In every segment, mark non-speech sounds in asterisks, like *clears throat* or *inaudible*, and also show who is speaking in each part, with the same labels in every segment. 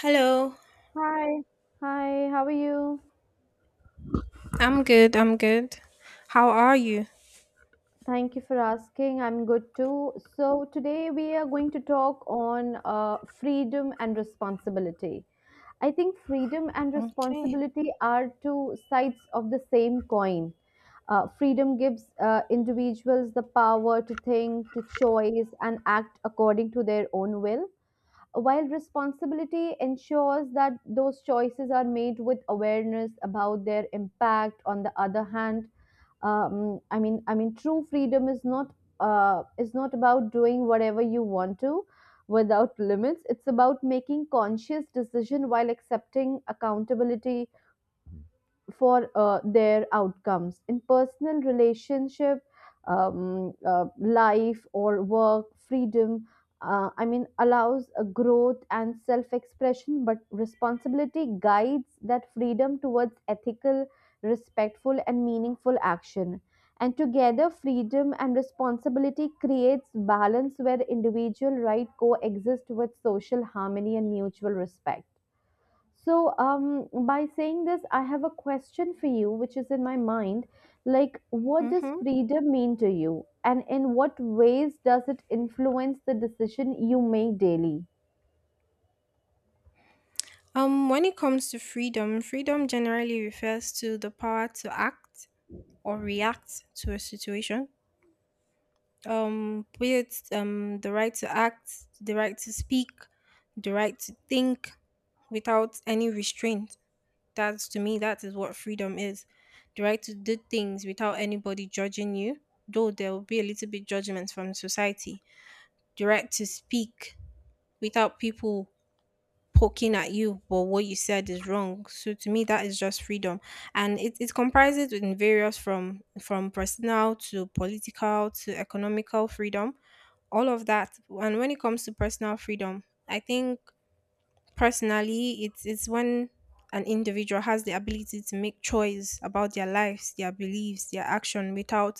Speaker 1: Hello,
Speaker 2: Hi, hi, how are you?
Speaker 1: I'm good. I'm good. How are you?
Speaker 2: Thank you for asking. I'm good too. So, today we are going to talk on freedom and responsibility. I think freedom and
Speaker 1: Okay.
Speaker 2: responsibility are two sides of the same coin. Freedom gives individuals the power to think, to choice, and act according to their own will, while responsibility ensures that those choices are made with awareness about their impact. On the other hand, true freedom is not about doing whatever you want to without limits. It's about making conscious decision while accepting accountability for their outcomes in personal relationship, life, or work. Freedom allows a growth and self expression, but responsibility guides that freedom towards ethical, respectful, and meaningful action. And together freedom and responsibility creates balance where individual right coexist with social harmony and mutual respect. So, by saying this, I have a question for you, which is in my mind. Like, what does
Speaker 1: Mm-hmm.
Speaker 2: freedom mean to you? And in what ways does it influence the decision you make daily?
Speaker 1: When it comes to freedom, generally refers to the power to act or react to a situation. Be it the right to act, the right to speak, the right to think without any restraint. That's to me, that is what freedom is. The right to do things without anybody judging you, though there will be a little bit judgment from society. The right to speak without people poking at you, but what you said is wrong. So to me, that is just freedom, and it comprises in various, from personal to political to economical freedom, all of that. And when it comes to personal freedom, I think personally, it's when an individual has the ability to make choice about their lives, their beliefs, their action,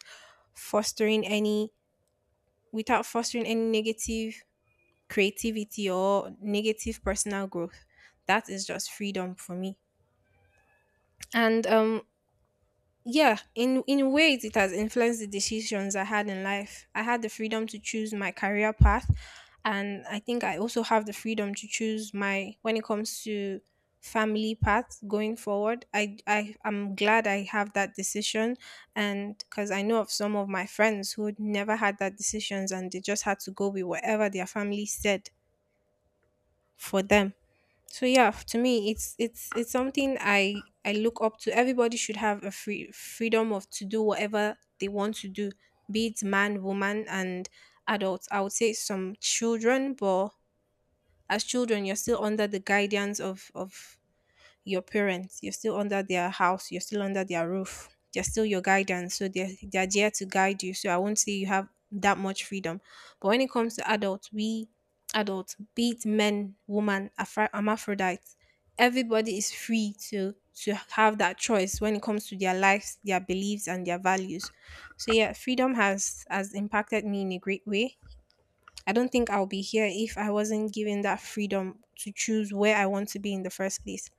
Speaker 1: fostering any without fostering any negative creativity or negative personal growth. That is just freedom for me. And yeah, in ways it has influenced the decisions I had in life. I had the freedom to choose my career path, and I think I also have the freedom to choose my when it comes to family path going forward. I am glad I have that decision, and cuz I know of some of my friends who never had that decisions, and they just had to go with whatever their family said for them. So yeah, to me, it's something I look up to. Everybody should have a freedom of to do whatever they want to do, be it man, woman, and adults. I would say some children, but as children, you're still under the guidance of your parents. You're still under their house. You're still under their roof. They're still your guidance. So they're there to guide you. So I won't say you have that much freedom. But when it comes to adults, we adults, be it men, woman, hermaphrodites, everybody is free to have that choice when it comes to their lives, their beliefs, and their values. So yeah, freedom has impacted me in a great way. I don't think I'll be here if I wasn't given that freedom to choose where I want to be in the first place.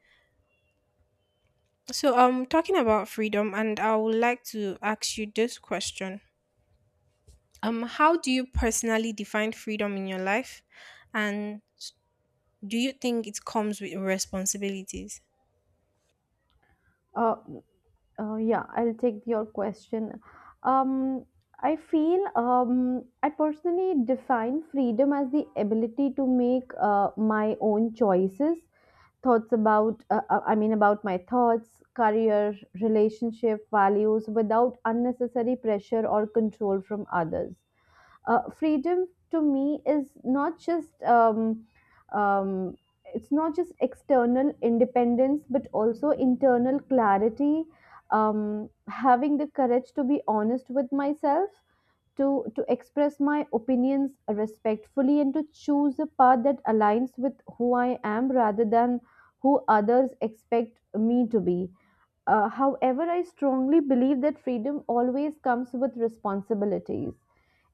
Speaker 1: So, I'm talking about freedom, and I would like to ask you this question. How do you personally define freedom in your life? And do you think it comes with responsibilities?
Speaker 2: Uh, yeah, I'll take your question. Um, I feel I personally define freedom as the ability to make my own choices, thoughts about, about my thoughts, career, relationship, values, without unnecessary pressure or control from others. Uh, Freedom to me is not just um, it's not just external independence, but also internal clarity, having the courage to be honest with myself, to express my opinions respectfully, and to choose a path that aligns with who I am rather than who others expect me to be. However, I strongly believe that freedom always comes with responsibilities.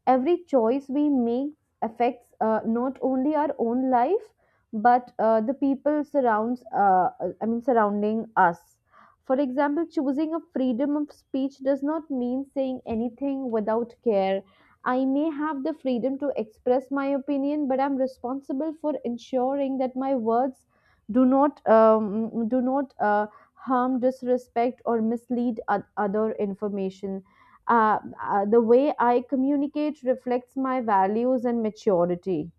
Speaker 2: Every choice we make affects not only our own life, but the people surrounds surrounding us. For example, choosing a freedom of speech does not mean saying anything without care. I may have the freedom to express my opinion, but I'm responsible for ensuring that my words do not harm, disrespect, or mislead oth- other information. The way I communicate reflects my values and maturity.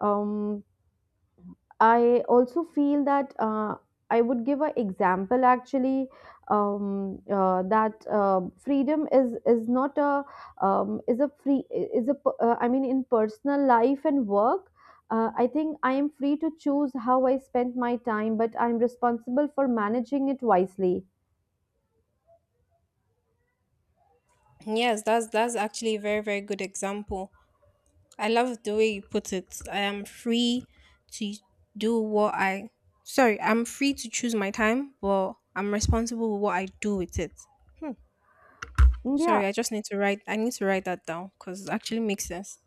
Speaker 2: Um, I also feel that I would give an example actually. That Freedom is not a is a free is a p- I mean in personal life and work. I think I am free to choose how I spend my time, but I'm responsible for managing it wisely.
Speaker 1: Yes, that's actually a very, very good example. I love the way you put it. I am free to do what I, sorry, I'm free to choose my time, but I'm responsible with what I do with it. Hmm.
Speaker 2: Hmm, yeah,
Speaker 1: Sorry, I need to write that down because it actually makes sense.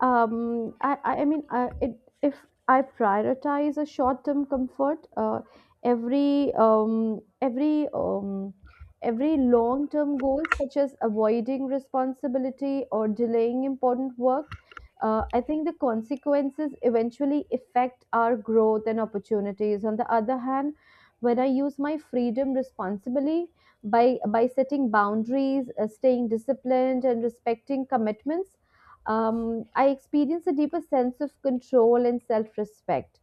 Speaker 2: if I prioritize a short-term comfort, every um, every um, every long-term goal, such as avoiding responsibility or delaying important work, I think the consequences eventually affect our growth and opportunities. On the other hand, when I use my freedom responsibly by setting boundaries, staying disciplined, and respecting commitments, I experience a deeper sense of control and self-respect.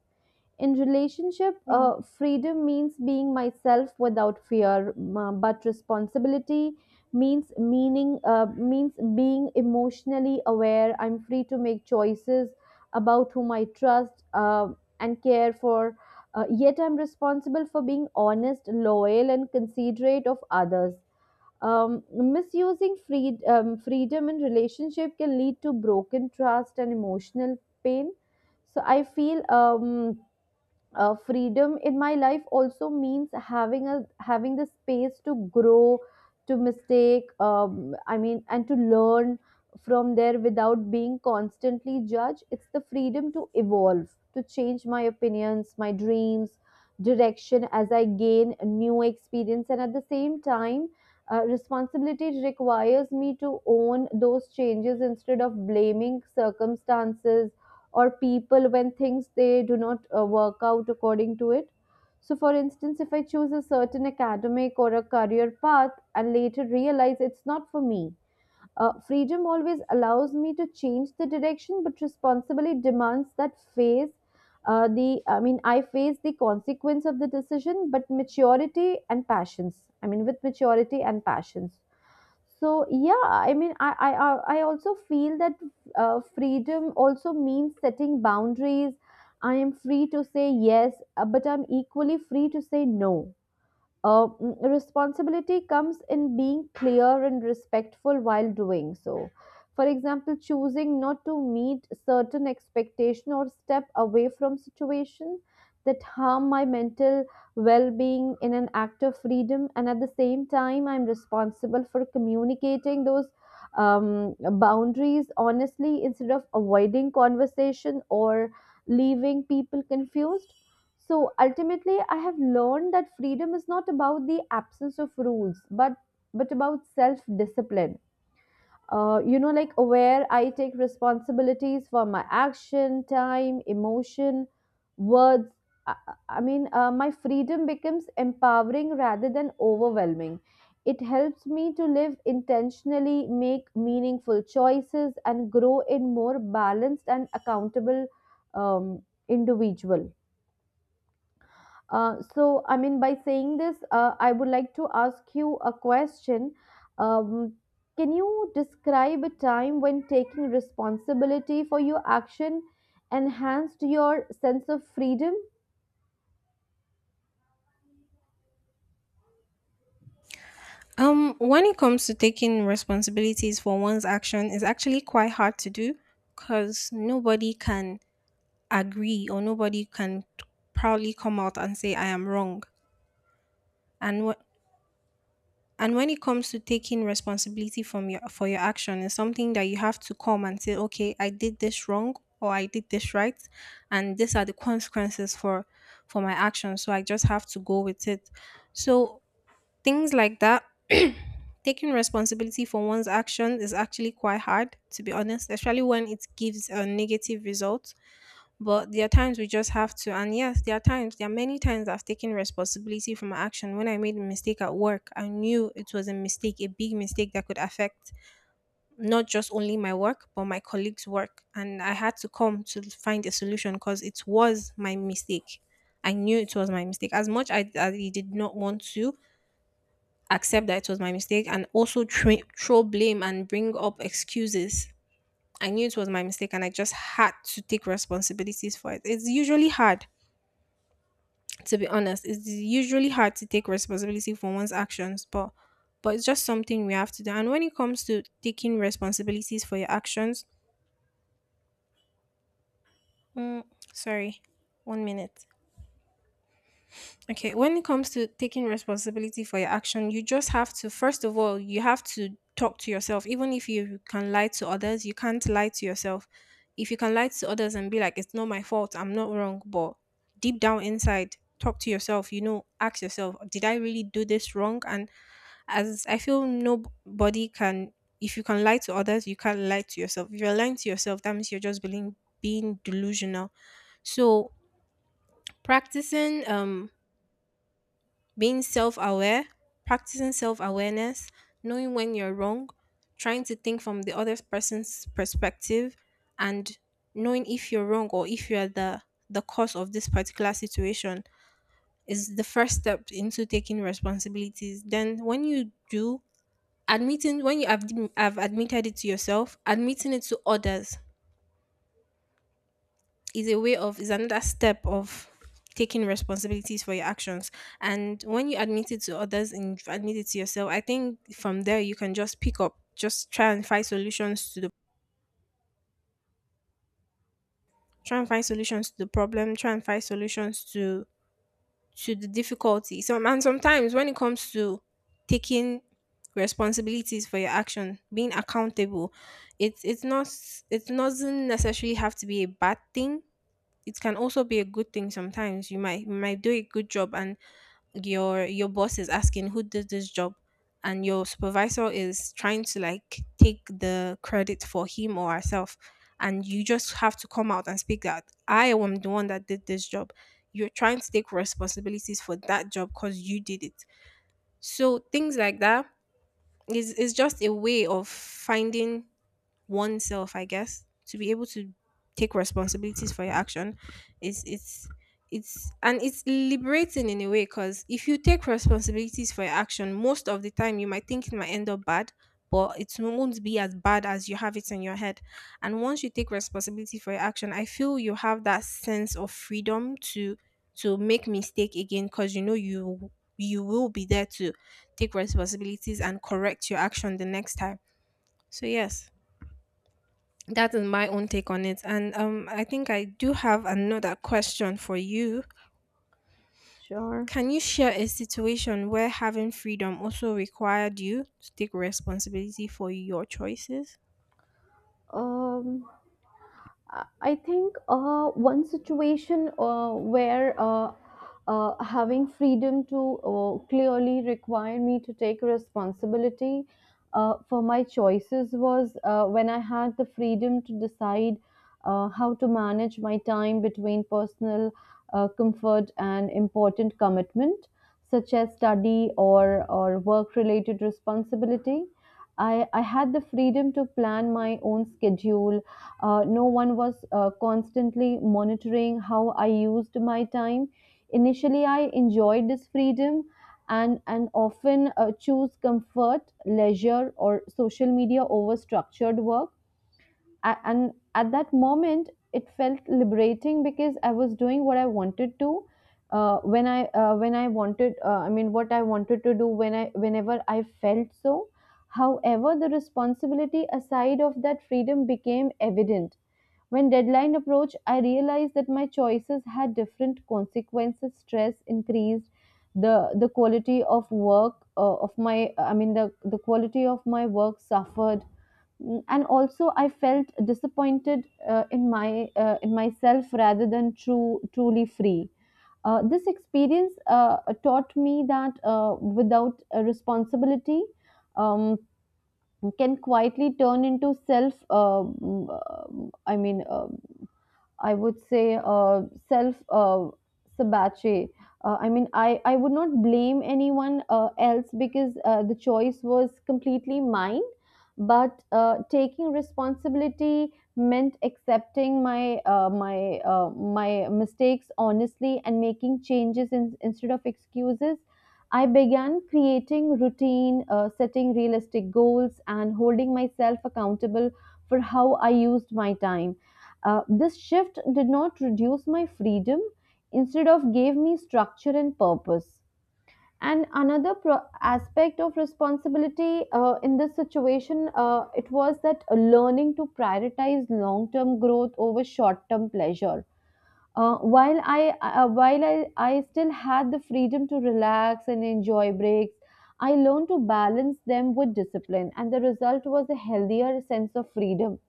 Speaker 2: In relationship, freedom means being myself without fear, but responsibility means meaning means being emotionally aware. I'm free to make choices about whom I trust and care for. Yet I'm responsible for being honest, loyal, and considerate of others. Misusing freedom in relationship can lead to broken trust and emotional pain. So I feel. Freedom in my life also means having a having the space to grow, to mistake, and to learn from there without being constantly judged. It's the freedom to evolve, to change my opinions, my dreams, direction as I gain a new experience. And at the same time, responsibility requires me to own those changes instead of blaming circumstances or people when things they do not work out according to it. So for instance, if I choose a certain academic or a career path and later realize it's not for me, freedom always allows me to change the direction, but responsibility demands that face the I mean I face the consequence of the decision, but maturity and passions, with maturity and passions. So yeah, I also feel that freedom also means setting boundaries. I am free to say yes, but I'm equally free to say no. Responsibility comes in being clear and respectful while doing so. For example, choosing not to meet certain expectation or step away from situation that harm my mental well-being in an act of freedom, and at the same time, I'm responsible for communicating those boundaries honestly instead of avoiding conversation or leaving people confused. So ultimately, I have learned that freedom is not about the absence of rules, but about self-discipline. You know, like where I take responsibilities for my action, time, emotion, words. I, my freedom becomes empowering rather than overwhelming. It helps me to live intentionally, make meaningful choices, and grow in more balanced and accountable individual. So, by saying this, I would like to ask you a question. Um, can you describe a time when taking responsibility for your action enhanced your sense of freedom?
Speaker 1: When it comes to taking responsibilities for one's action, is actually quite hard to do because nobody can agree or nobody can proudly come out and say I am wrong. And what and when it comes to taking responsibility from your for your action, is something that you have to come and say, okay, I did this wrong or I did this right, and these are the consequences for my action. So I just have to go with it. So things like that. *clears throat* Taking responsibility for one's actions is actually quite hard, to be honest, especially when it gives a negative result. But there are times we just have to, and yes, there are many times I've taken responsibility for my action. When I made a mistake at work, I knew it was a mistake, a big mistake that could affect not just only my work, but my colleagues' work. And I had to come to find a solution because it was my mistake. I knew it was my mistake. As I did not want to accept that it was my mistake and also throw blame and bring up excuses. I knew it was my mistake and I just had to take responsibilities for it. It's usually hard, to be honest. It's usually hard to take responsibility for one's actions, but it's just something we have to do. And when it comes to taking responsibilities for your actions, mm, sorry, 1 minute. Okay, when it comes to taking responsibility for your action, you just have to, first of all, you have to talk to yourself. Even if you can lie to others, you can't lie to yourself. If you can lie to others and be like, it's not my fault, I'm not wrong, but deep down inside, talk to yourself, ask yourself, did I really do this wrong? And as I feel nobody can, if you can lie to others, you can't lie to yourself. If you're lying to yourself, that means being delusional. So, practicing being self aware, practicing self awareness, knowing when you're wrong, trying to think from the other person's perspective, and knowing if you're wrong or if you're the cause of this particular situation is the first step into taking responsibilities. Then when you do admitting when you have admitted it to yourself, admitting it to others is a way of is another step of taking responsibilities for your actions. And when you admit it to others and you've admitted to yourself, I think from there you can just pick up, just try and find solutions to the try and find solutions to the problem, try and find solutions to the difficulty. So, and sometimes when it comes to taking responsibilities for your action, being accountable, it's it's not it doesn't necessarily have to be a bad thing. It can also be a good thing. Sometimes you might, you might do a good job and your boss is asking who did this job, and your supervisor is trying to like take the credit for him or herself, and you just have to come out and speak that I am the one that did this job. You're trying to take responsibilities for that job because you did it. So things like that is just a way of finding oneself, I guess, to be able to take responsibilities for your action. It's it's it's and it's liberating in a way, because if you take responsibilities for your action, most of the time you might think it might end up bad, but it won't be as bad as you have it in your head. And once you take responsibility for your action, I feel you have that sense of freedom to make mistake again, because you know you will be there to take responsibilities and correct your action the next time. So yes, that is my own take on it. And I think I do have another question for you.
Speaker 2: Sure.
Speaker 1: Can you share a situation where having freedom also required you to take responsibility for your choices?
Speaker 2: Um, I think one situation where having freedom to clearly require me to take responsibility for my choices was when I had the freedom to decide how to manage my time between personal comfort and important commitment, such as study or work related responsibility. I had the freedom to plan my own schedule. Uh, no one was constantly monitoring how I used my time. Initially, I enjoyed this freedom, and often choose comfort, leisure, or social media over structured work. And at that moment, it felt liberating because I was doing what I wanted to. When I wanted, what I wanted to do when I whenever I felt so. However, the responsibility aside of that freedom became evident. When deadline approached, I realized that my choices had different consequences. Stress increased, the quality of work of my I mean the quality of my work suffered, mm, and also I felt disappointed in myself rather than true truly free. This experience taught me that without a responsibility um, can quietly turn into self. Mm, I mean. I would say self sabotage. I would not blame anyone else because the choice was completely mine. But taking responsibility meant accepting my mistakes honestly and making changes instead of excuses. I began creating routine, setting realistic goals, and holding myself accountable for how I used my time. Uh, this shift did not reduce my freedom, instead of gave me structure and purpose. And another pro- aspect of responsibility in this situation, it was that learning to prioritize long-term growth over short-term pleasure. While I still had the freedom to relax and enjoy breaks, I learned to balance them with discipline, and the result was a healthier sense of freedom,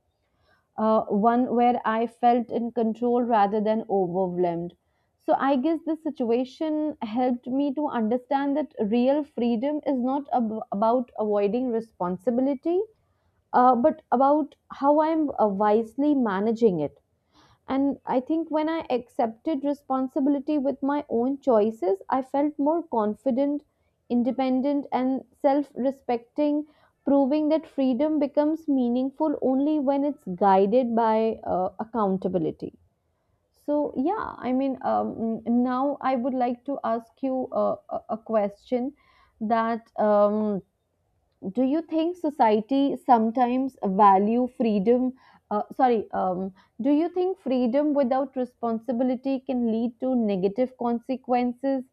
Speaker 2: one where I felt in control rather than overwhelmed. So I guess this situation helped me to understand that real freedom is not ab- about avoiding responsibility, but about how I'm wisely managing it. And I think when I accepted responsibility with my own choices, I felt more confident, independent, and self respecting, proving that freedom becomes meaningful only when it's guided by accountability. So, yeah, I mean, now I would like to ask you a question that. Do you think society sometimes value freedom sorry do you think freedom without responsibility can lead to negative consequences,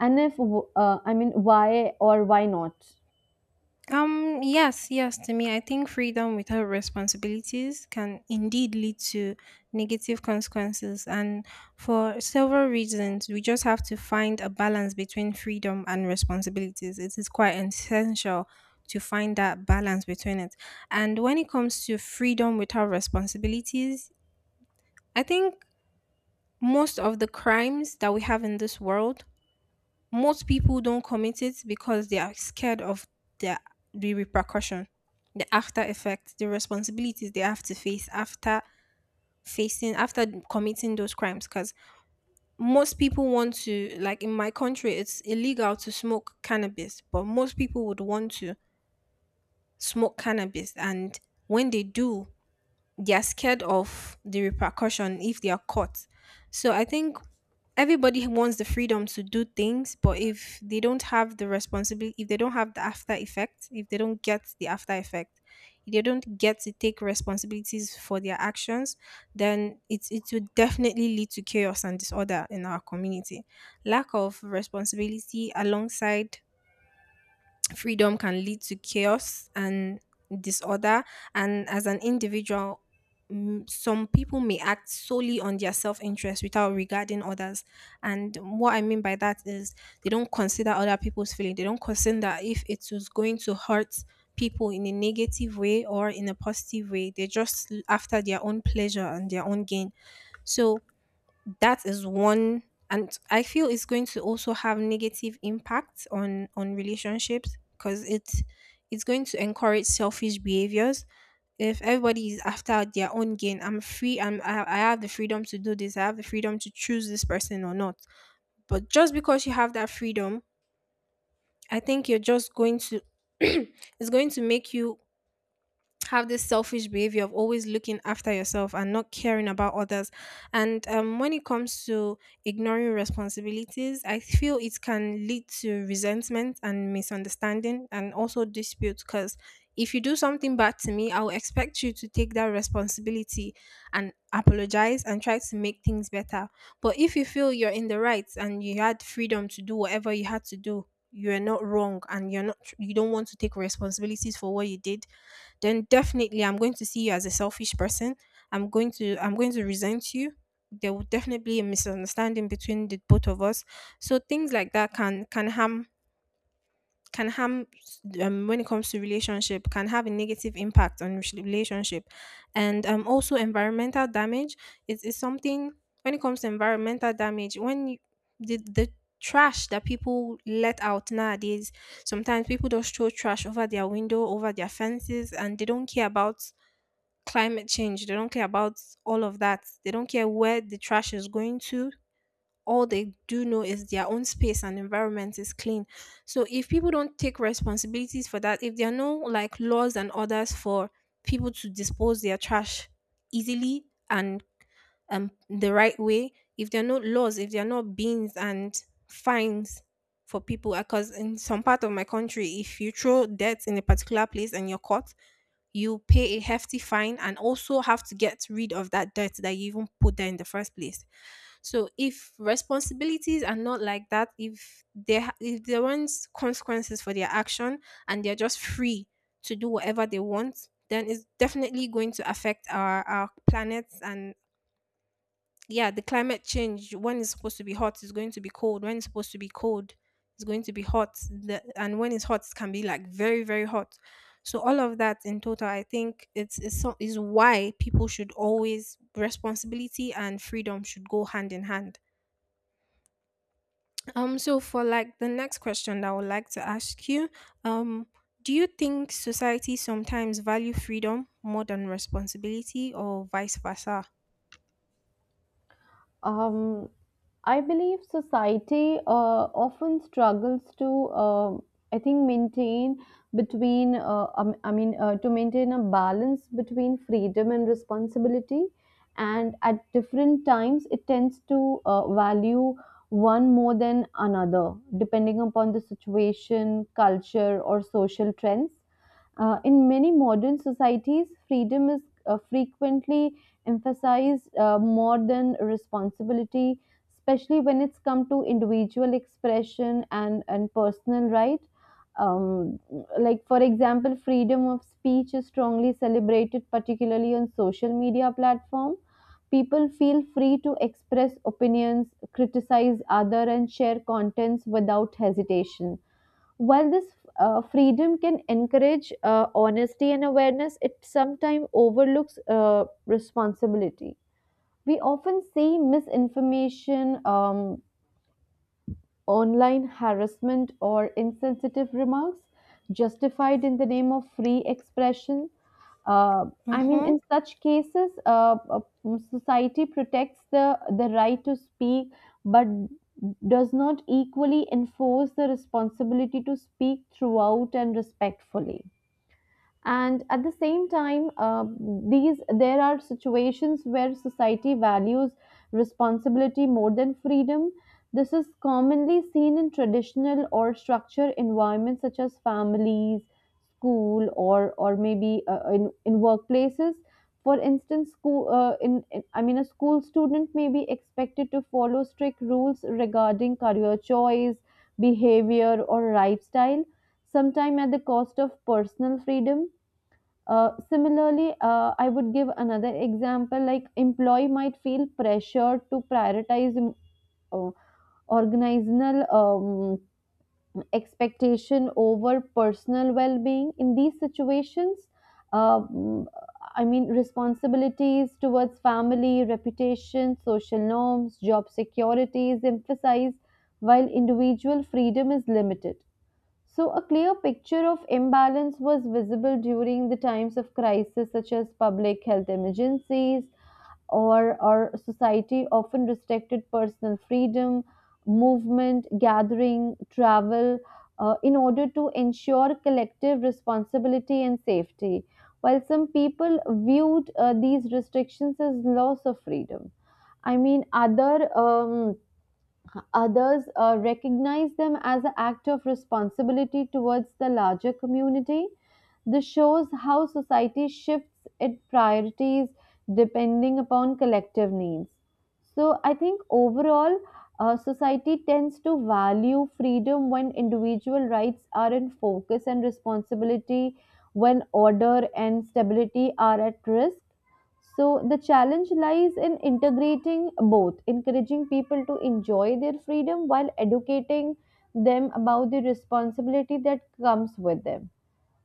Speaker 2: and if why or why not?
Speaker 1: Yes, yes, to me, I think freedom without responsibilities can indeed lead to negative consequences. And for several reasons, we just have to find a balance between freedom and responsibilities. It is quite essential to find that balance between it. And when it comes to freedom without responsibilities, I think most of the crimes that we have in this world, most people don't commit it because they are scared of the the repercussion, the after effect, the responsibilities they have to face after committing those crimes, because most people want to, like in my country it's illegal to smoke cannabis, but most people would want to smoke cannabis, and when they do they're scared of the repercussion if they are caught. So I think everybody wants the freedom to do things, but if they don't have the responsibility, if they don't have the after effect, if they don't get to take responsibilities for their actions, then it will definitely lead to chaos and disorder in our community. Lack of responsibility alongside freedom can lead to chaos and disorder. And as an individual, some people may act solely on their self-interest without regarding others. And what I mean by that is they don't consider other people's feeling, they don't consider if it was going to hurt people in a negative way or in a positive way, they're just after their own pleasure and their own gain. So that is one. And I feel it's going to also have negative impact on relationships because it's going to encourage selfish behaviors. If everybody is after their own gain, I'm free. I'm I have the freedom to do this. I have the freedom to choose this person or not. But just because you have that freedom, I think you're just going to *clears throat* it's going to make you have this selfish behavior of always looking after yourself and not caring about others. And When it comes to ignoring responsibilities, I feel it can lead to resentment and misunderstanding and also dispute because if you do something bad to me, I'll expect you to take that responsibility and apologize and try to make things better. But if you feel you're in the right and you had freedom to do whatever you had to do, you're not wrong and you don't want to take responsibilities for what you did, then definitely I'm going to see you as a selfish person. I'm going to resent you. There will definitely be a misunderstanding between the both of us. So things like that can harm, when it comes to relationship, can have a negative impact on relationship. And Also, environmental damage is something. When it comes to environmental damage, the trash that people let out nowadays, sometimes people just throw trash over their window, over their fences, and they don't care about climate change, they don't care about all of that, they don't care where the trash is going to. All they do know is their own space and environment is clean. So if people don't take responsibilities for that, if there are no like laws and orders for people to dispose their trash easily and the right way, if there are no laws, if there are no bins and fines for people, because in some part of my country, if you throw dirt in a particular place and you're caught, you pay a hefty fine and also have to get rid of that dirt that you even put there in the first place. So if responsibilities are not like that, if if there aren't consequences for their action and they're just free to do whatever they want, then it's definitely going to affect our planets and, yeah, the climate change. When it's supposed to be hot, it's going to be cold. When it's supposed to be cold, it's going to be hot. And when it's hot, it can be like very very hot. So all of that in total, I think is why people should always responsibility and freedom should go hand in hand. So for like the next question that I would like to ask you, um, do you think society sometimes value freedom more than responsibility or vice versa?
Speaker 2: Um, I believe society often struggles to, maintain between, to maintain a balance between freedom and responsibility. And at different times, it tends to value one more than another, depending upon the situation, culture, or social trends. In many modern societies, freedom is frequently emphasized more than responsibility, especially when it's come to individual expression and personal right. Um, like, for example, freedom of speech is strongly celebrated, particularly on social media platform. People feel free to express opinions, criticize other, and share contents without hesitation. While this freedom can encourage honesty and awareness, it sometimes overlooks responsibility. We often see misinformation, online harassment, or insensitive remarks justified in the name of free expression. Uh,
Speaker 1: Mm-hmm.
Speaker 2: in such cases, society protects the right to speak, but does not equally enforce the responsibility to speak throughout and respectfully. And at the same time, these there are situations where society values responsibility more than freedom. This is commonly seen in traditional or structured environments such as families, school, or maybe in workplaces. For instance, school, in I mean a school student may be expected to follow strict rules regarding career choice, behavior, or lifestyle, sometime at the cost of personal freedom. Similarly, I would give another example. Like, employee might feel pressured to prioritize uh, organizational expectation over personal well-being. In these situations, um, responsibilities towards family, reputation, social norms, job security is emphasized, while individual freedom is limited. So, a clear picture of imbalance was visible during the times of crisis, such as public health emergencies, or society often restricted personal freedom, movement, gathering, travel, in order to ensure collective responsibility and safety. While some people viewed these restrictions as loss of freedom. I mean, other. Um, Others recognize them as an act of responsibility towards the larger community. This shows how society shifts its priorities depending upon collective needs. So, I think overall, society tends to value freedom when individual rights are in focus, and responsibility when order and stability are at risk. So the challenge lies in integrating both, encouraging people to enjoy their freedom while educating them about the responsibility that comes with them.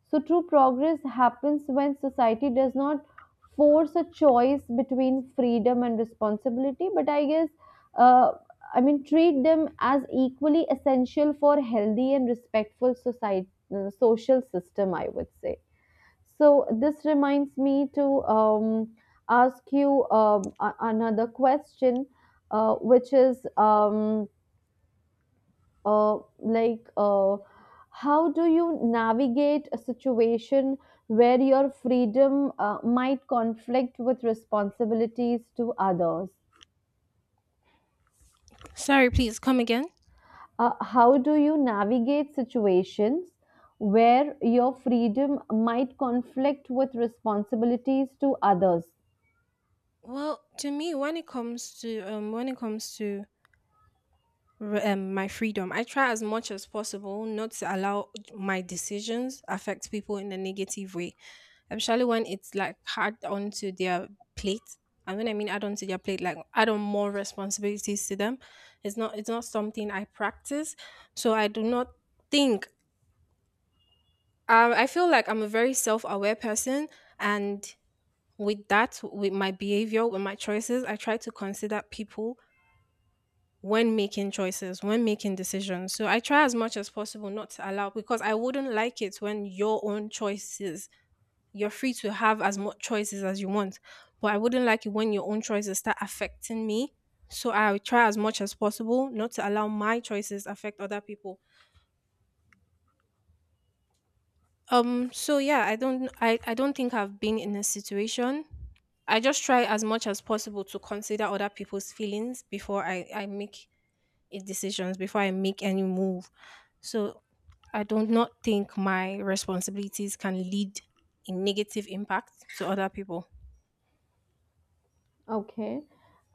Speaker 2: So true progress happens when society does not force a choice between freedom and responsibility, but I guess uh, treat them as equally essential for healthy and respectful society, social system. I would say. So this reminds me to ask you another question, uh, which is um, uh, like, uh, how do you navigate a situation where your freedom might conflict with responsibilities to others?
Speaker 1: Sorry, please come again.
Speaker 2: How do you navigate situations where your freedom might conflict with responsibilities to others?
Speaker 1: Well, to me, when it comes to when it comes to my freedom. I try as much as possible not to allow my decisions affect people in a negative way, especially when it's like hard onto their plate. And when I mean add onto their plate, like add on more responsibilities to them, it's not something I practice. So I do not think. I feel like I'm a very self aware person, and with that, with my behavior, with my choices, I try to consider people when making choices, when making decisions. So I try as much as possible not to allow, because I wouldn't like it when your own choices, you're free to have as much choices as you want, but I wouldn't like it when your own choices start affecting me. So I try as much as possible not to allow my choices affect other people. So yeah, I don't think I've been in a situation. I just try as much as possible to consider other people's feelings before I make a decisions, before I make any move. So I do not think my responsibilities can lead a negative impact to other people.
Speaker 2: Okay.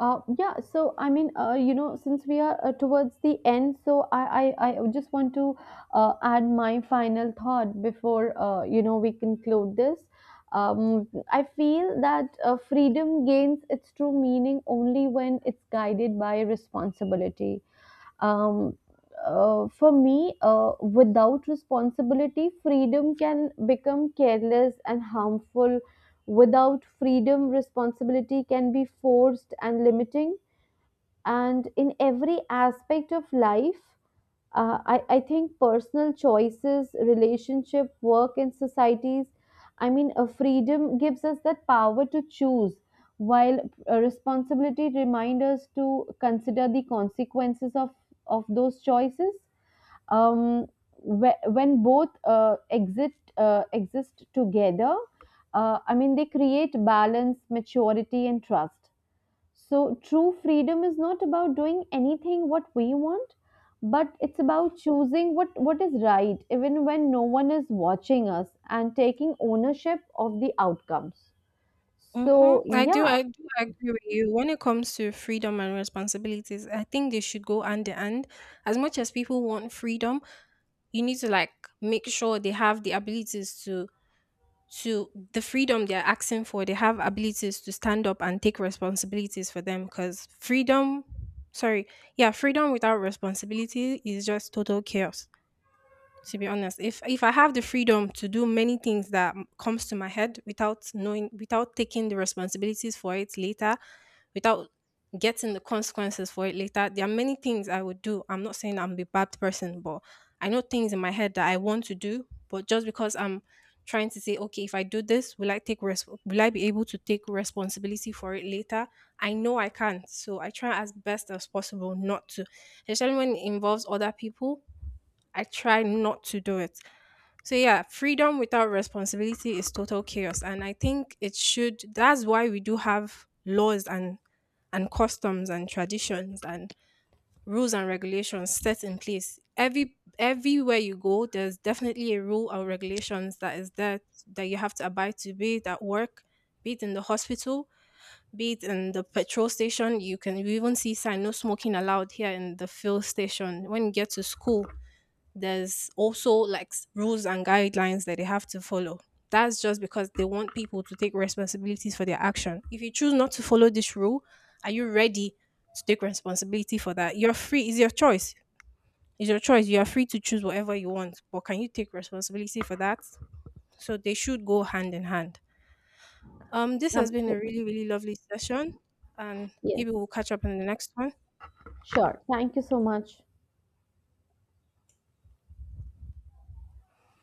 Speaker 2: Yeah, so you know, since we are towards the end, so I would just want to add my final thought before, you know, we conclude this. I feel that freedom gains its true meaning only when it's guided by responsibility. Um, for me, without responsibility, freedom can become careless and harmful. Without freedom, responsibility can be forced and limiting. And in every aspect of life, I think personal choices, relationship, work, and societies. Freedom gives us that power to choose, while responsibility reminds us to consider the consequences of those choices. um, when both exit exist together, they create balance, maturity, and trust. So true freedom is not about doing anything what we want, but it's about choosing what is right, even when no one is watching us, and taking ownership of the outcomes.
Speaker 1: Hmm.
Speaker 2: So yeah,
Speaker 1: I do agree with you. When it comes to freedom and responsibilities, I think they should go hand in hand. As much as people want freedom, you need to like make sure they have the abilities to the freedom they're asking for. They have abilities to stand up and take responsibilities for them. Because freedom, sorry, yeah, freedom without responsibility is just total chaos. To be honest, if I have the freedom to do many things that comes to my head without knowing, without taking the responsibilities for it later, without getting the consequences for it later, there are many things I would do. I'm not saying I'm a bad person, but I know things in my head that I want to do, but just because I'm trying to say, okay, if I do this, will I be able to take responsibility for it later? I know I can't, so I try as best as possible not to, especially when it involves other people. I try not to do it. So yeah, freedom without responsibility is total chaos. And I think it should that's why we do have laws and customs and traditions and rules and regulations set in place. Everywhere you go, there's definitely a rule or regulations that is there that you have to abide to, be it at work, be it in the hospital, be it in the petrol station. You can you even see sign no smoking allowed here in the fuel station. When you get to school, there's also like rules and guidelines that they have to follow. That's just because they want people to take responsibilities for their action. If you choose not to follow this rule, are you ready to take responsibility for that? You're free, it's your choice. It's your choice. You are free to choose whatever you want, but can you take responsibility for that? So they should go hand in hand. This has been a
Speaker 2: absolutely.
Speaker 1: really, really lovely session, and
Speaker 2: Yes,
Speaker 1: maybe we'll catch up in the next one.
Speaker 2: sure. Thank you so much.